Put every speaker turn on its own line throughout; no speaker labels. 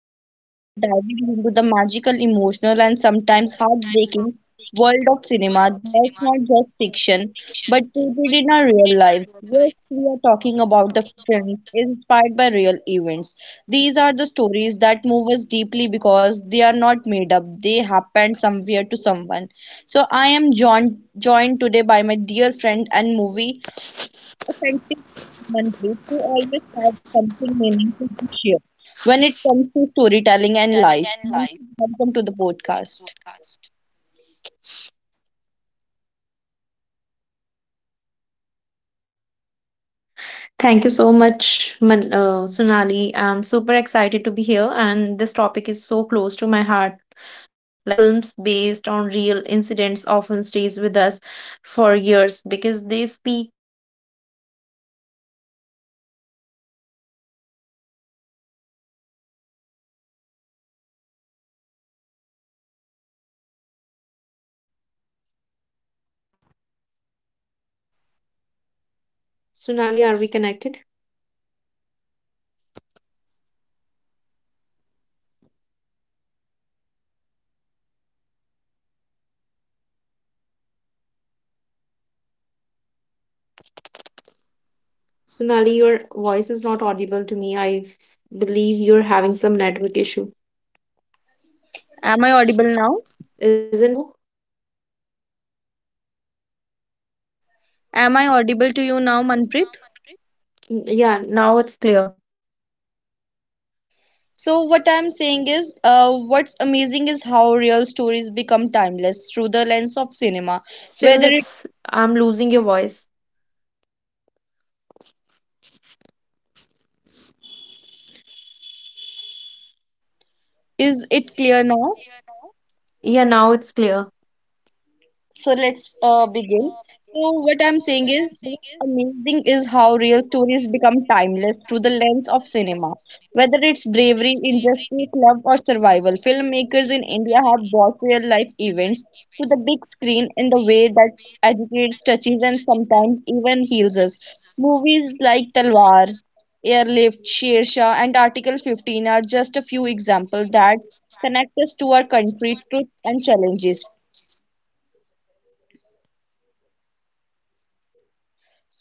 and today we are diving into the magical, emotional and sometimes heartbreaking world of cinema that's not just fiction but rooted in our real lives. Yes, we are talking about the films inspired by real events. These are the stories that move us deeply because they are not made up. They happened somewhere to someone. So I am joined today by my dear friend and movie authentic Manpreet, you always have something meaningful to share when it comes to storytelling and life. Manpreet, welcome to the podcast.
Thank you so much, Sonali. I'm super excited to be here, and this topic is so close to my heart. Like films based on real incidents often stays with us for years because they speak the truth. So about struggle, resilience, and the human spirit.
I hope I'm audible. Am I audible to
Sunali,
you?
are we connected?
Ah, yes. So you are absolutely right, Manpreet. What's amazing is how real stories become timeless through the lens of cinema, whether it's bravery, injustice, love, or survival.
Sunali,
Filmmakers,
your voice is not audible to me. Believe you're having some network issue.
am I audible now?
Isn't so?
Am I audible to you now, Manpreet?
Yeah, now it's clear.
So what I'm saying is, what's amazing is how real stories become timeless through the lens of cinema.
Still,
Whether it
it's I'm losing your voice.
is it clear now?
Yeah, now it's clear.
So let's begin. So what I'm saying is, what's amazing is how real stories become timeless through the lens of cinema. Whether it's bravery, injustice, love, or survival, filmmakers in India have brought real life events to the big screen in the way that educates, touches, and sometimes even heals us. Movies like Talwar, Airlift, Sher Shah, and Article 15 are just a few examples that connect us to our country, truth, and challenges.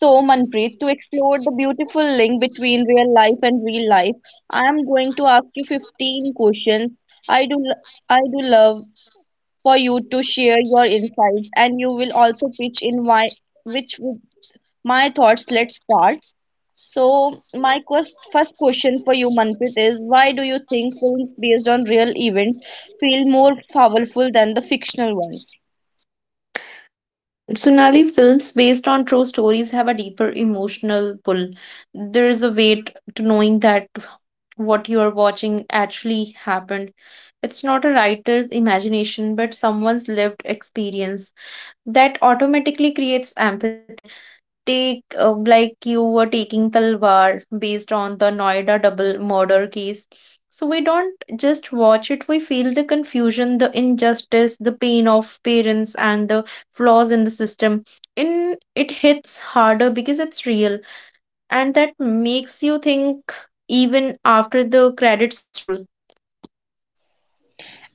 So, Manpreet, to explore the beautiful link between real life and real life, I am going to ask you 15 questions. I do, l- I do love for you to share your insights, and you will also pitch in why, which with my thoughts. Let's start. So, first question for you, Manpreet, is why do you think films based on real events feel more powerful than the fictional ones?
Sunali, films based on true stories have a deeper emotional pull. There is a weight to knowing that what you are watching actually happened. It's not a writer's imagination, but someone's lived experience. That automatically creates empathy. Take like you were taking Talwar based on the Noida double murder case. So we don't just watch it, we feel the confusion, the injustice, the pain of parents, and the flaws in the system. In it hits harder because it's real, and that makes you think even after the credits roll.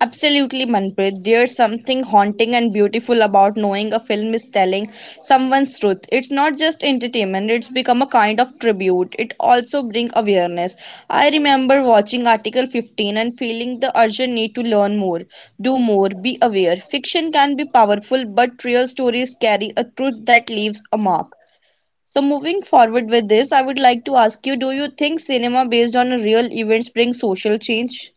Absolutely, Manpreet. There's something haunting and beautiful about knowing a film is telling someone's truth. It's not just entertainment, it's become a kind of tribute. It also brings awareness. I remember watching Article 15 and feeling the urgent need to learn more, do more, be aware. Fiction can be powerful, but real stories carry a truth that leaves a mark. So, moving forward with this, I would like to ask you, do you think cinema based on real events brings social change?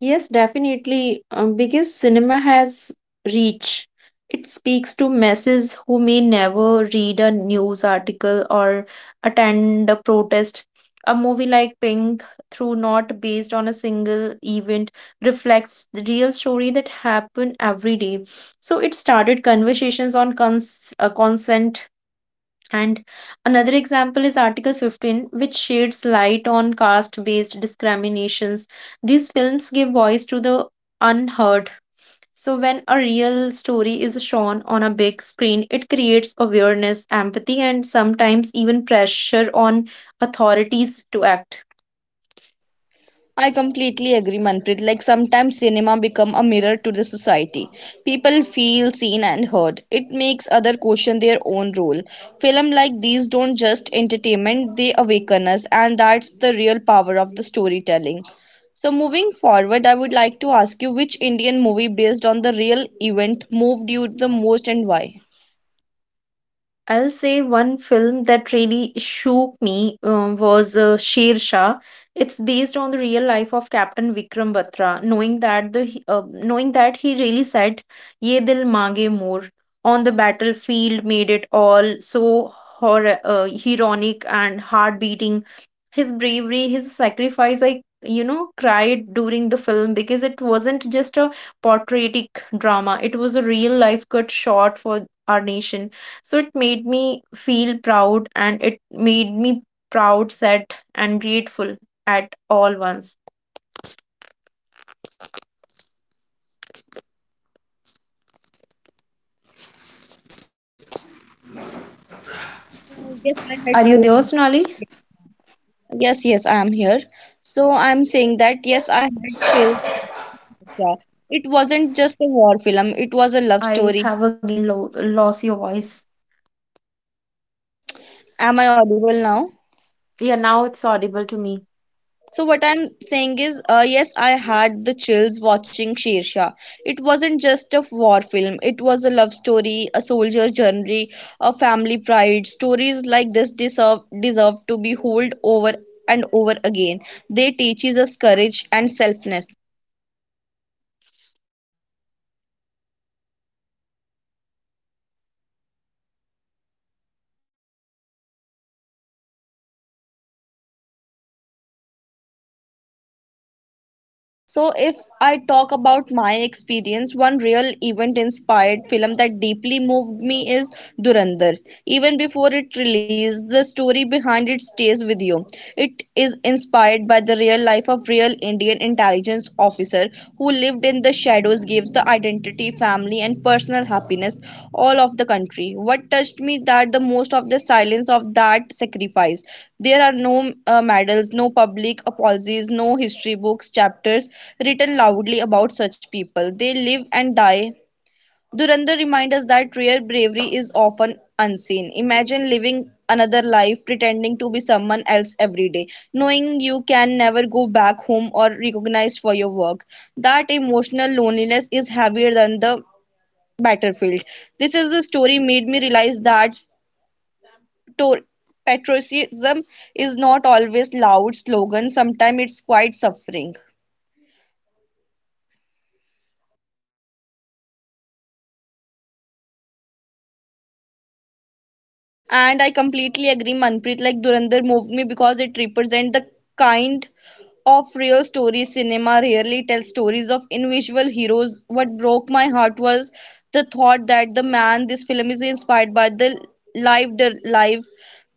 Yes, definitely. Because cinema has reach. It speaks to masses who may never read a news article or attend a protest. A movie like Pink, through not based on a single event, reflects the real story that happen every day. So it started conversations on consent, and another example is Article 15, which sheds light on caste based discriminations. These films give voice to the unheard. So, when a real story is shown on a big screen, it creates awareness, empathy, and sometimes even pressure on authorities to act.
I completely agree, Manpreet. Like sometimes cinema become a mirror to the society. People feel seen and heard. It makes other question their own role. Film like these don't just entertainment, they awaken us, and that's the real power of the storytelling. So moving forward, I would like to ask you, which Indian movie based on the real event moved you the most and why?
I'll say one film that really shook me was Sher Shah. It's based on the real life of Captain Vikram Batra. Knowing that knowing that he really said "Ye dil mange more" on the battlefield made it all so heroic and heart beating. His bravery, his sacrifice. I cried during the film because it wasn't just a portraitic drama. It was a real life cut shot for our nation, so it made me feel proud, and it made me proud, sad, and grateful at all once.
Yes, I
Are
had
you there,
chosen.
Sonali?
Yes, yes, I am here. So I'm saying that yes, I had chills. Sure. It wasn't just a war film, it was a love
I
story.
have again lost your voice.
Am I audible now?
Yeah, now it's audible to me.
So, what I'm saying is, yes, I had the chills watching Shersha. It wasn't just a war film, it was a love story, a soldier journey, a family pride. Stories like this deserve to be told over and over again. They teaches us courage and selfness. So, if I talk about my experience, one real event inspired film that deeply moved me is Durandar. Even before it released, the story behind it stays with you. It is inspired by the real life of real Indian intelligence officer who lived in the shadows gives the identity, family and personal happiness all of the country. What touched me that the most of the silence of that sacrifice. There are no medals, no public apologies, no history books chapters written loudly about such people. They live and die. Durandar reminds us that rare bravery is often unseen. Imagine living another life pretending to be someone else every day, knowing you can never go back home or recognized for your work. That emotional loneliness is heavier than the battlefield. This is the story made me realize that Pator- patriotism is not always loud slogan. Sometimes it's quiet suffering. And I completely agree, Manpreet. Like Durandar moved me because it represents the kind of real story cinema rarely tells stories of individual heroes. What broke my heart was the thought that the man this film is inspired by the lived life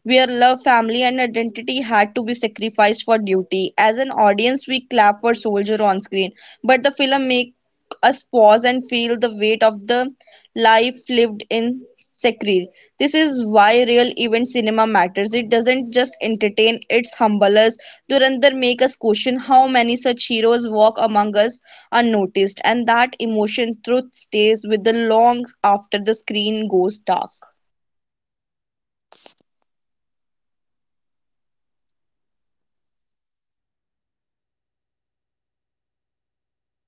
where love, family, and identity had to be sacrificed for duty. As an audience, we clap for soldier on screen, but the film makes us pause and feel the weight of the life lived in secret. This is why real event cinema matters. It doesn't just entertain, it's humbles us. Durandar make us question how many such heroes walk among us unnoticed, and that emotion truth stays with the long after the screen goes dark.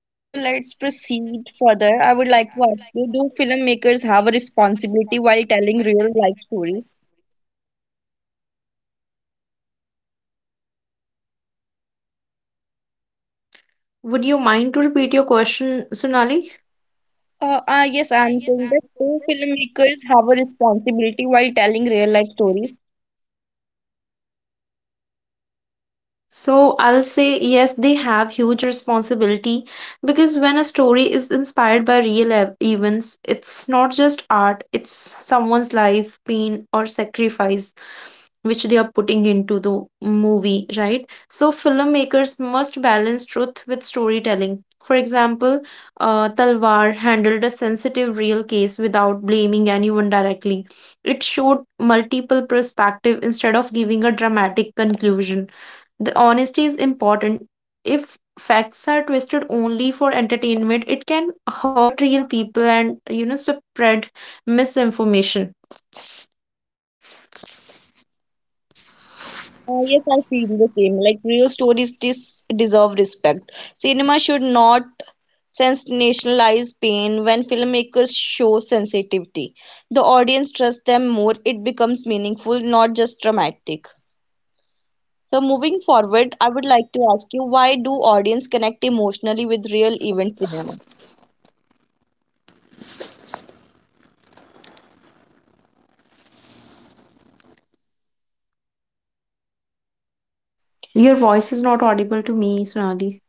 So let's proceed further. I would like to ask you, do filmmakers have a responsibility while telling real life stories?
Would you mind to repeat your question, Sunali?
Yes, I'm saying that, do filmmakers have a responsibility while telling real life stories?
So I'll say yes, they have huge responsibility because when a story is inspired by real events, it's not just art, it's someone's life, pain, or sacrifice which they are putting into the movie, right? So filmmakers must balance truth with storytelling. For example, Talwar handled a sensitive real case without blaming anyone directly. It showed multiple perspective instead of giving a dramatic conclusion. The honesty is important. If facts are twisted only for entertainment, it can hurt real people and spread misinformation.
Yes, I feel the same. Like real stories dis deserve respect. Cinema should not sensationalize pain. When filmmakers show sensitivity, the audience trusts them more. It becomes meaningful, not just dramatic. So, moving forward, I would like to ask you, why do audience connect emotionally with real event cinema?
Your voice is not audible to me, Sonali.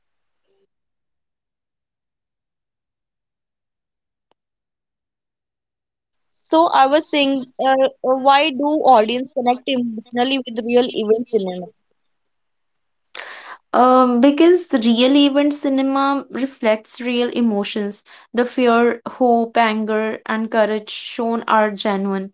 So, I was saying, uh, why do audience connect emotionally with real event cinema?
Because real event cinema reflects real emotions. The fear, hope, anger, and courage shown are genuine.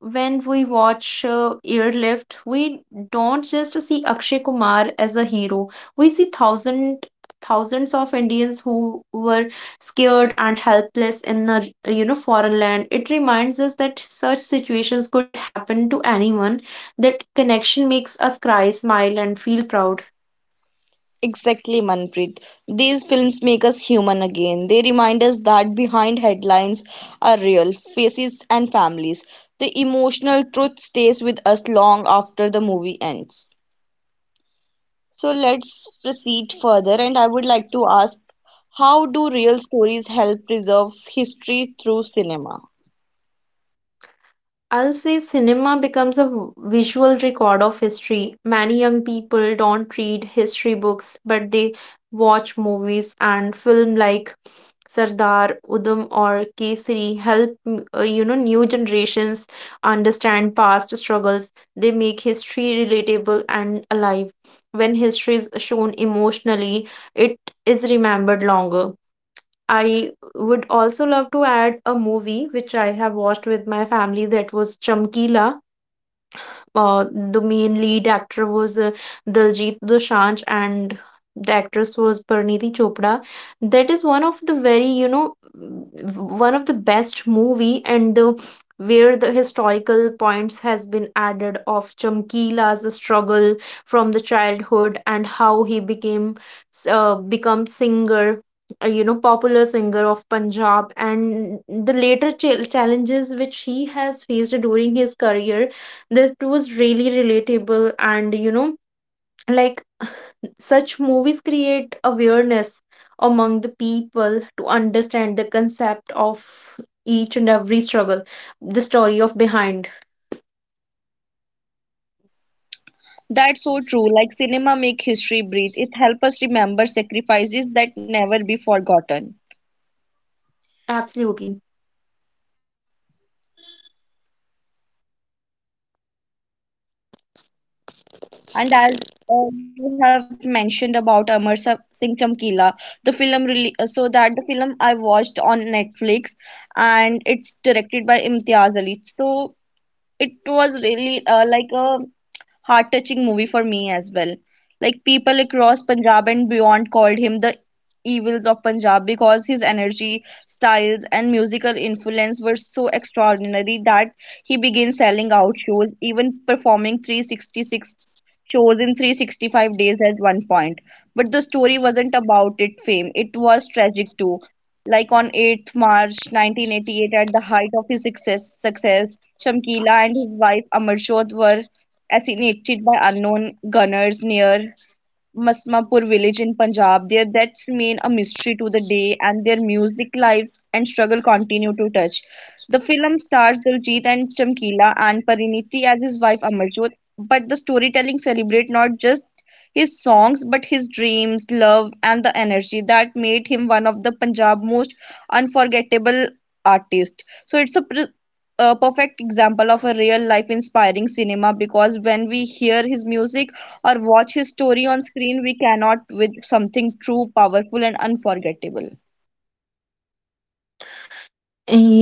When we watch Airlift, we don't just see Akshay Kumar as a hero. We see thousands of Indians who were scared and helpless in a foreign land. It reminds us that such situations could happen to anyone. That connection makes us cry, smile, and feel proud.
Exactly, Manpreet. These films make us human again. They remind us that behind headlines are real faces and families. The emotional truth stays with us long after the movie ends. So let's proceed further, and I would like to ask, how do real stories help preserve history through cinema?
I'll say cinema becomes a visual record of history. Many young people don't read history books, but they watch movies and film like Sardar, Udham, or Kesari help new generations understand past struggles. They make history relatable and alive. When history is shown emotionally, it is remembered longer. I would also love to add a movie which I have watched with my family. That was Chamkila. uh, the main lead actor was Daljit Dosanjh, and the actress was Parniti Chopra. That is one of the very, one of the best movie, and the where the historical points has been added of Chamkila's struggle from the childhood and how he became become singer, popular singer of Punjab, and the later challenges which he has faced during his career. That was really relatable, and like such movies create awareness among the people to understand the concept of each and every struggle, the story of behind.
That's so true. Like cinema make history breathe. It helps us remember sacrifices that never be forgotten.
Absolutely,
And as you have mentioned about Singh Chamkila, the film really so that the film I watched on Netflix, and it's directed by Imtiaz Ali. So it was really like a heart-touching movie for me as well. Like people across Punjab and beyond called him the evils of Punjab because his energy, styles, and musical influence were so extraordinary that he began selling out shows, even performing 366 shows in 365 days at one point. But the story wasn't about it fame. It was tragic too. Like on 8th March 1988 at the height of his success, Shamkila and his wife Amarjot were assassinated by unknown gunners near Masmapur village in Punjab. Their deaths remain a mystery to the day, and their music lives and struggle continue to touch. The film stars Diljit and Chamkila and Pariniti as his wife Amarjot, but the storytelling celebrates not just his songs but his dreams, love, and the energy that made him one of the Punjab's most unforgettable artists. So it's a perfect example of a real life inspiring cinema because when we hear his music or watch his story on screen, we cannot with something true, powerful, and unforgettable.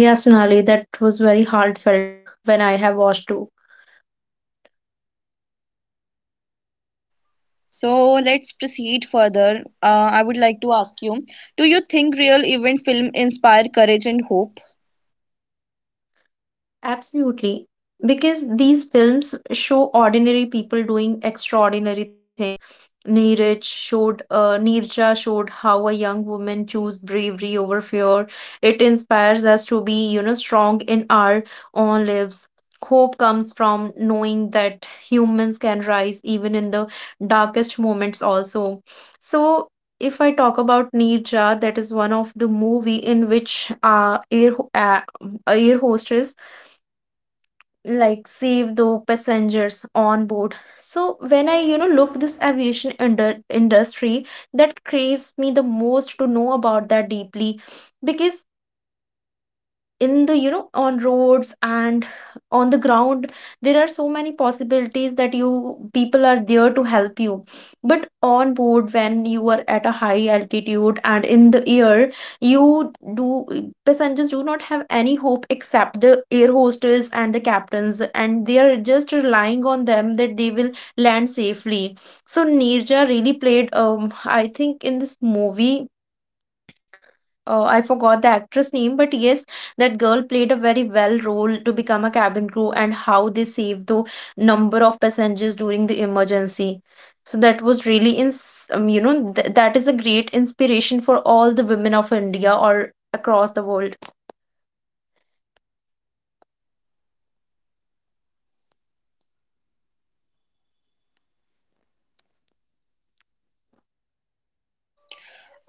yes, Sonali. That was very heartfelt when I have watched.
So let's proceed further. I would like to ask you, do you think real event film inspire courage and hope?
Absolutely. Because these films show ordinary people doing extraordinary things. Neerja showed how a young woman chose bravery over fear. It inspires us to be, strong in our own lives. Hope comes from knowing that humans can rise even in the darkest moments also. So if I talk about Neerja, that is one of the movie in which air hostess like save the passengers on board. So when I look this industry, that craves me the most to know about that deeply. Because in the on roads and on the ground, there are so many possibilities that you people are there to help you. But on board, when you are at a high altitude and in the air, you do passengers do not have any hope except the air hostess and the captains, and they are just relying on them that they will land safely. So Nirja really played I think, in this movie. Oh, I forgot the actress name, but yes, that girl played a very well role to become a cabin crew and how they saved the number of passengers during the emergency. So that was really ins you know, th that is a great inspiration for all the women of India or across the world.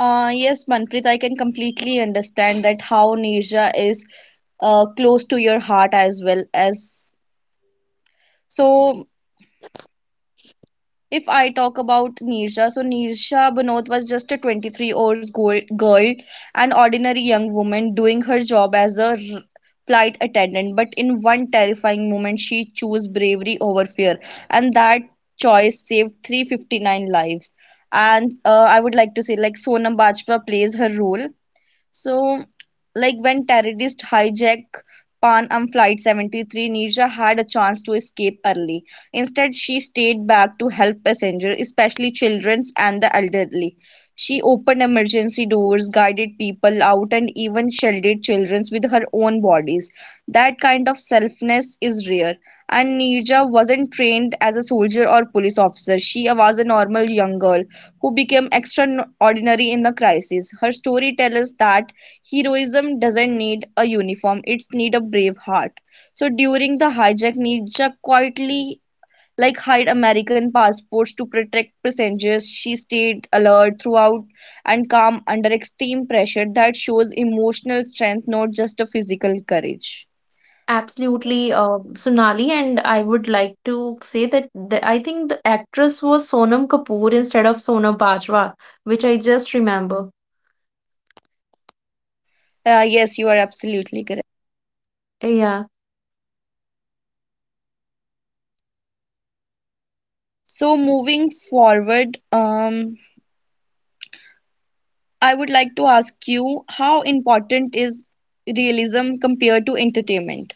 Yes, Manpreet, I can completely understand that how Nisha is close to your heart as well as so if I talk about Neersha, so Neersha Banot was just a 23 girl, an ordinary young woman doing her job as a flight attendant. But in one terrifying moment, she chose bravery over fear, and that choice saved 359 lives. And I would like to say, like Sonam Bajwa plays her role so, like when terrorists hijacked Pan Am Flight 73, Nisha had a chance to escape early. Instead, she stayed back to help passengers, especially children and the elderly. She opened emergency doors, guided people out, and even shielded children with her own bodies. That kind of selflessness is rare. And Nisha wasn't trained as a soldier or police officer. She was a normal young girl who became extraordinary in the crisis. Her story tells us that heroism doesn't need a uniform, it's need a brave heart. So during the hijack, Nisha quietly like hide American passports to protect passengers. She stayed alert throughout and calm under extreme pressure that shows emotional strength, not just a physical courage.
Absolutely, Sonali, and I would like to say that I think the actress was Sonam Kapoor instead of Sonam Bajwa, which I just remember.
Yes, you are absolutely correct.
Yeah.
So, moving forward, I would like to ask you, how important is realism compared to entertainment?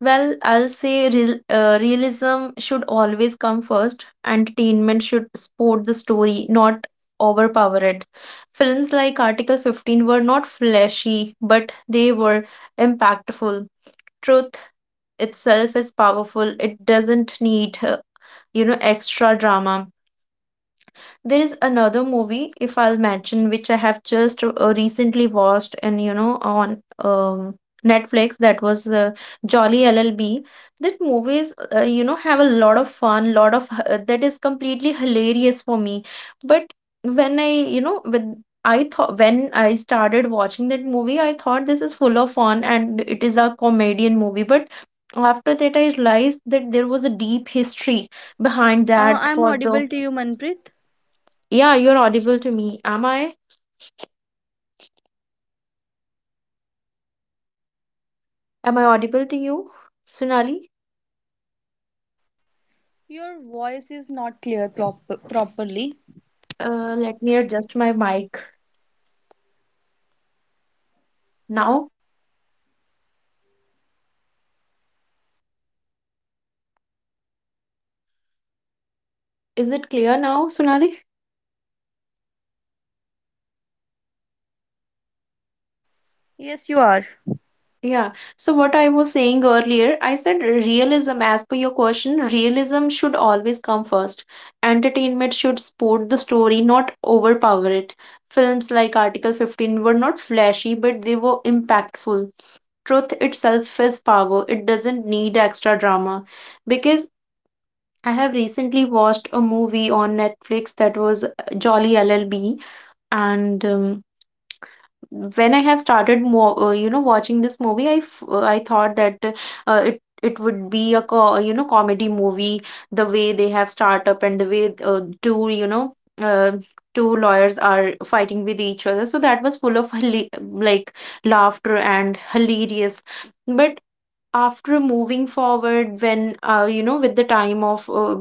Well, I'll say realism should always come first. Entertainment should support the story, not overpower it. Films like Article 15 were not flashy, but they were impactful. Truth itself is powerful. It doesn't need, extra drama. There is another movie if I'll mention which I have just recently watched, and you know on Netflix, that was Jolly LLB. That movies have a lot of fun, that is completely hilarious for me. But when I you know when when I started watching that movie, I thought this is full of fun and it is a comedian movie. But after that, I realized that there was a deep history behind that
I'm
for
audible
the,
to you, Manpreet.
yeah, you're audible to me. Am I? Am I audible to you, Sunali?
Your voice is not clear properly.
Let me adjust my mic now. Is it clear now, Sunali?
Yes, you are.
Yeah. So what I was saying earlier, I said realism, as per your question, realism should always come first. Entertainment should support the story, not overpower it. Films like Article 15 were not flashy, but they were impactful. Truth itself is power. It doesn't need extra drama. Because I have recently watched a movie on Netflix that was Jolly LLB, and when I have started, watching this movie, I thought that uh, it it would be a co you know comedy movie. The way they have startup, and the way two you know uh, two lawyers are fighting with each other, so that was full of like laughter and hilarious. But after moving forward, when with the time of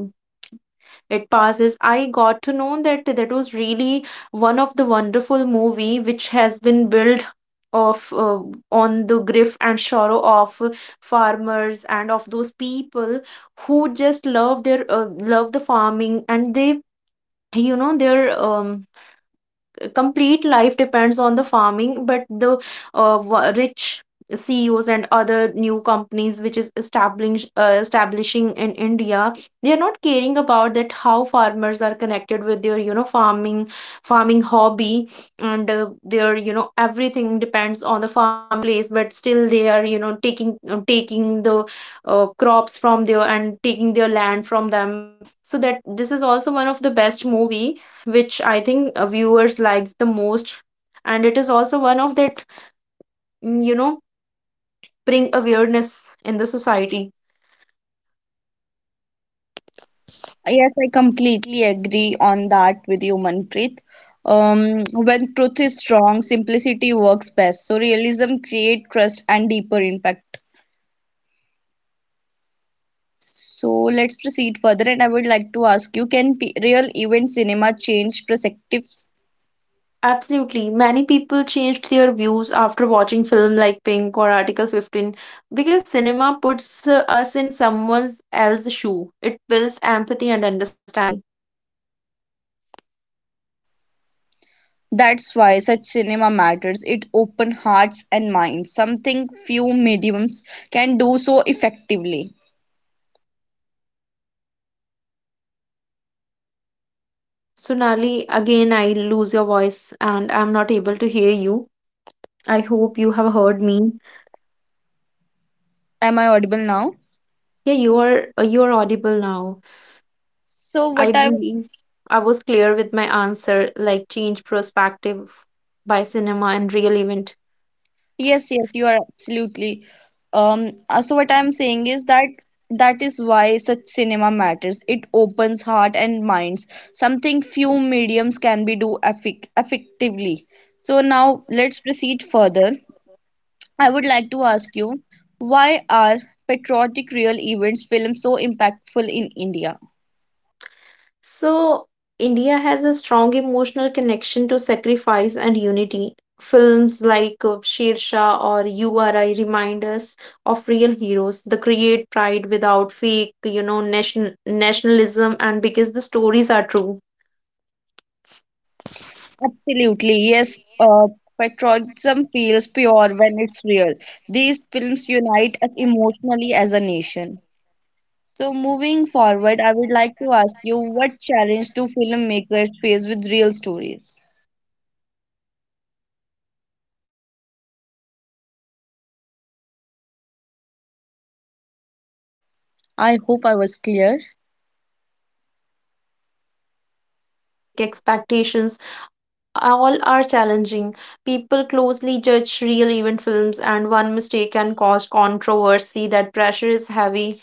it passes, I got to know that that was really one of the wonderful movie which has been built of on the grief and sorrow of farmers and of those people who just love their love the farming, and they their um complete life depends on the farming. But the rich CEOs and other new companies which is establishing in India, they are not caring about that how farmers are connected with their farming hobby, and their everything depends on the farming place. But still they are taking the crops from there and taking their land from them. So that this is also one of the best movie which I think viewers likes the most, and it is also one of that mm, you know bring awareness in the society.
Yes, I completely agree on that with you, Manpreet. When truth is strong, simplicity works best. So realism create trust and deeper impact.
And
So
definitely,
let's proceed further, and I would like to ask you, can real event cinema change perspectives?
absolutely, many people changed their views after watching film like Pink or Article 15 because cinema puts us in someone else's shoe. It builds empathy and understanding.
That's why such cinema matters. It opens hearts and minds, something few mediums can do so effectively.
So Nali, again I lose your voice and I'm not able to hear you. I hope you have heard me.
Am I audible now?
Yeah, you are audible now.
So, what
I
I
believe I was clear with my answer, like change perspective by cinema and real event.
yes, yes, you are absolutely. So what I'm saying is that that is why such cinema matters. It opens heart and minds, something few mediums can be do effic effectively. So now let's proceed further. I would like to ask you, why are patriotic real events films so impactful in India?
So, India has a strong emotional connection to sacrifice and unity. Films like Sher Shah or URI remind us of real heroes. They create pride without fake, nationalism, and because the stories are true.
Absolutely, yes. Patriotism feels pure when it's real. These films unite us emotionally as a nation. So, moving forward, I would like to ask you, what challenge do filmmakers face with real stories?
So, if I'll talk about legal
I hope I
issues,
was clear.
man, like such as emotional sensitivity, public expectations, all are challenging. People closely judge real event films, and one mistake can cause controversy. That pressure is heavy.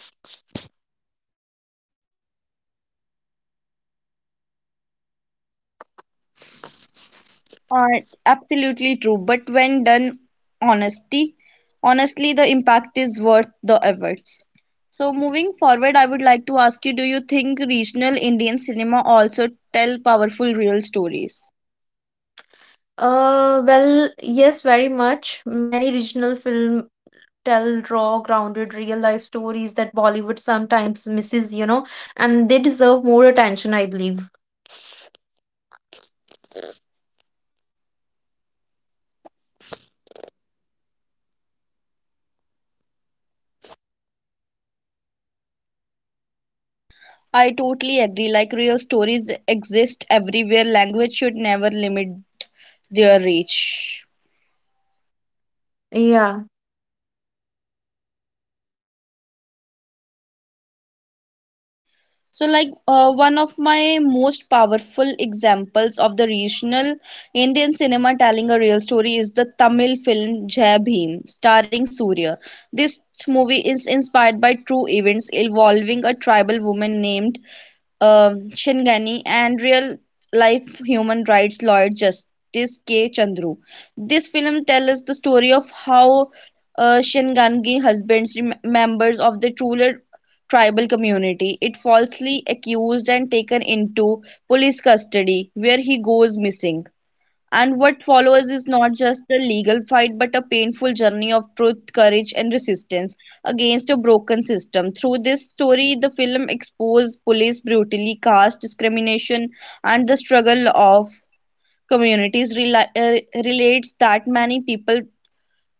Are absolutely true, but when done honesty, honestly, the impact is worth the efforts. So, moving forward, I would like to ask you, do you think regional Indian cinema also tell powerful real stories?
Well, yes, very much. Many regional film tell raw, grounded, real life stories that Bollywood sometimes misses, and they deserve more attention, I believe.
I totally agree. Like, real stories exist everywhere, language should never limit their reach.
Yeah.
So, like one of
Seems
my
that we
most
both having
powerful
network issue,
examples
and
of the
I'm losing your
regional
voice.
Indian cinema telling a real story is the Tamil film Jai Bhim, starring Surya. This movie is inspired by true events involving a tribal woman named Shingani, and real-life human rights lawyer Justice K. Chandru. This film tells the story of how Shingangi husbands members of the ruler tribal community. It falsely accused and taken into police custody, where he goes missing. And what follows is not just a legal fight, but a painful journey of truth, courage, and resistance against a broken system. Through this story, the film exposed police brutality, caste discrimination, and the struggle of communities relates that many people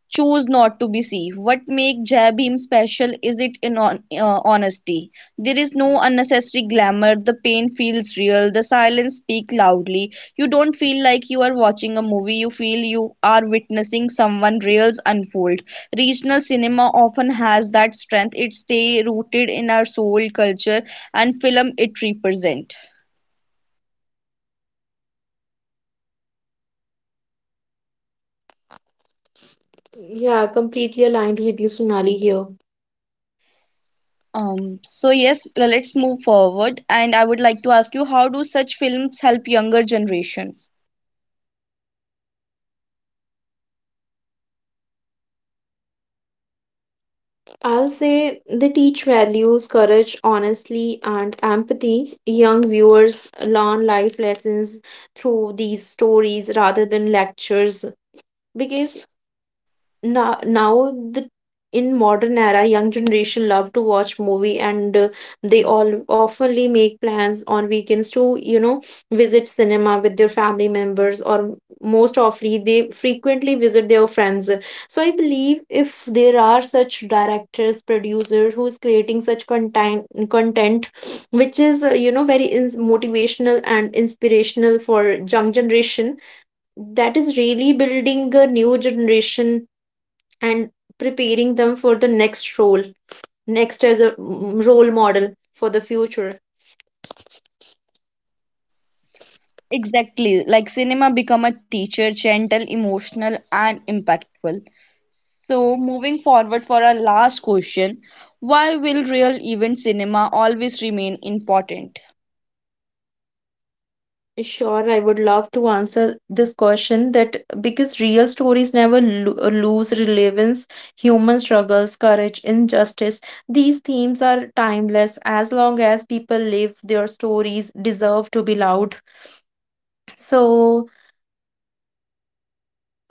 choose not to be see what make jab him special is it in on, honesty. There is no unnecessary glamour, the pain feels real, the silence speak loudly. You don't feel like you are watching a movie, you feel you are witnessing someone reals unfold. Regional cinema often has that strength, it stay rooted in our soul culture and film it represent.
Yeah, completely aligned with you, Sonali, here.
So yes, let's move forward, and I would like to ask you, how do such films help younger generation?
I'll say they teach values, courage, honesty, and empathy. Young viewers learn life lessons through these stories rather than lectures. Because now the in modern era, young generation love to watch movie, and they all oftenly make plans on weekends to visit cinema with their family members, or most oftenly they frequently visit their friends. So I believe if there are such directors, producers who is creating such content which is very ins motivational and inspirational for young generation, that is really building a new generation and preparing them for the next role, next as a role model for the future.
Exactly, like cinema become a teacher, gentle, emotional, and impactful. So, moving forward for our last question, why will real event cinema always remain important?
Sure, I would love to answer this question that because real stories never lose relevance. Human struggles, courage, injustice, these themes are timeless. As long as people live, their stories deserve to be loud. So,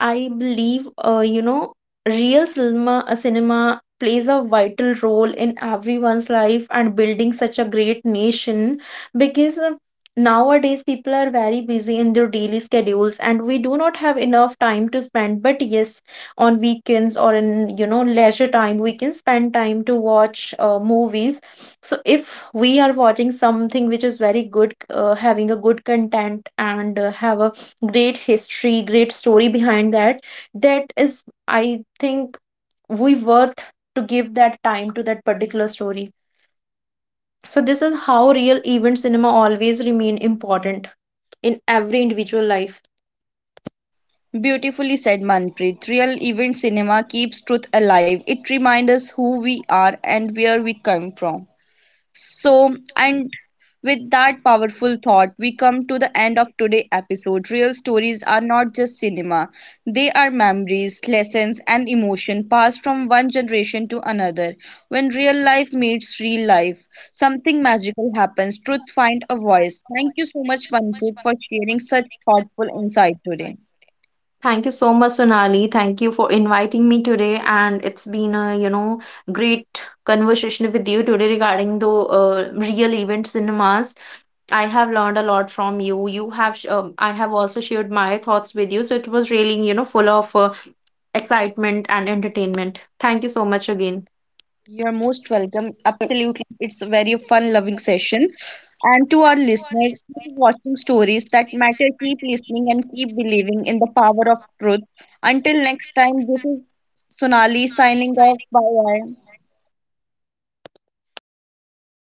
I believe, cinema plays a vital role in everyone's life and building such a great nation. Because nowadays people are very busy in their daily schedules, and we do not have enough time to spend. But yes, on weekends or in, leisure time, we can spend time to watch movies. So if we are watching something which is very good, having a good content, and have a great history, great story behind that, that is, I think, we worth to give that time to that particular story. So this is how real event cinema always remain important in every individual life.
Beautifully said, Manpreet. Real event cinema keeps truth alive. It reminds us who we are and where we come from. So, and with that powerful thought, we come to the end of today's episode. Real stories are not just cinema, they are memories, lessons, and emotion passed from one generation to another. When real life meets real life, something magical happens. Truth finds a voice. Thank you so much, Manjit, for sharing such thoughtful insight today.
Thank you so much, Sonali. Thank you for inviting me today, and it's been a great conversation with you today regarding the real event cinemas. I have learned a lot from you. I have also shared my thoughts with you, so it was really full of excitement and entertainment. Thank you so much again.
You're most welcome. Absolutely. It's a very fun loving session. And to our listeners, keep watching stories that matter, keep listening, and keep believing in the power of truth. Until next time, this is Sonali signing off. Bye bye.
Bye,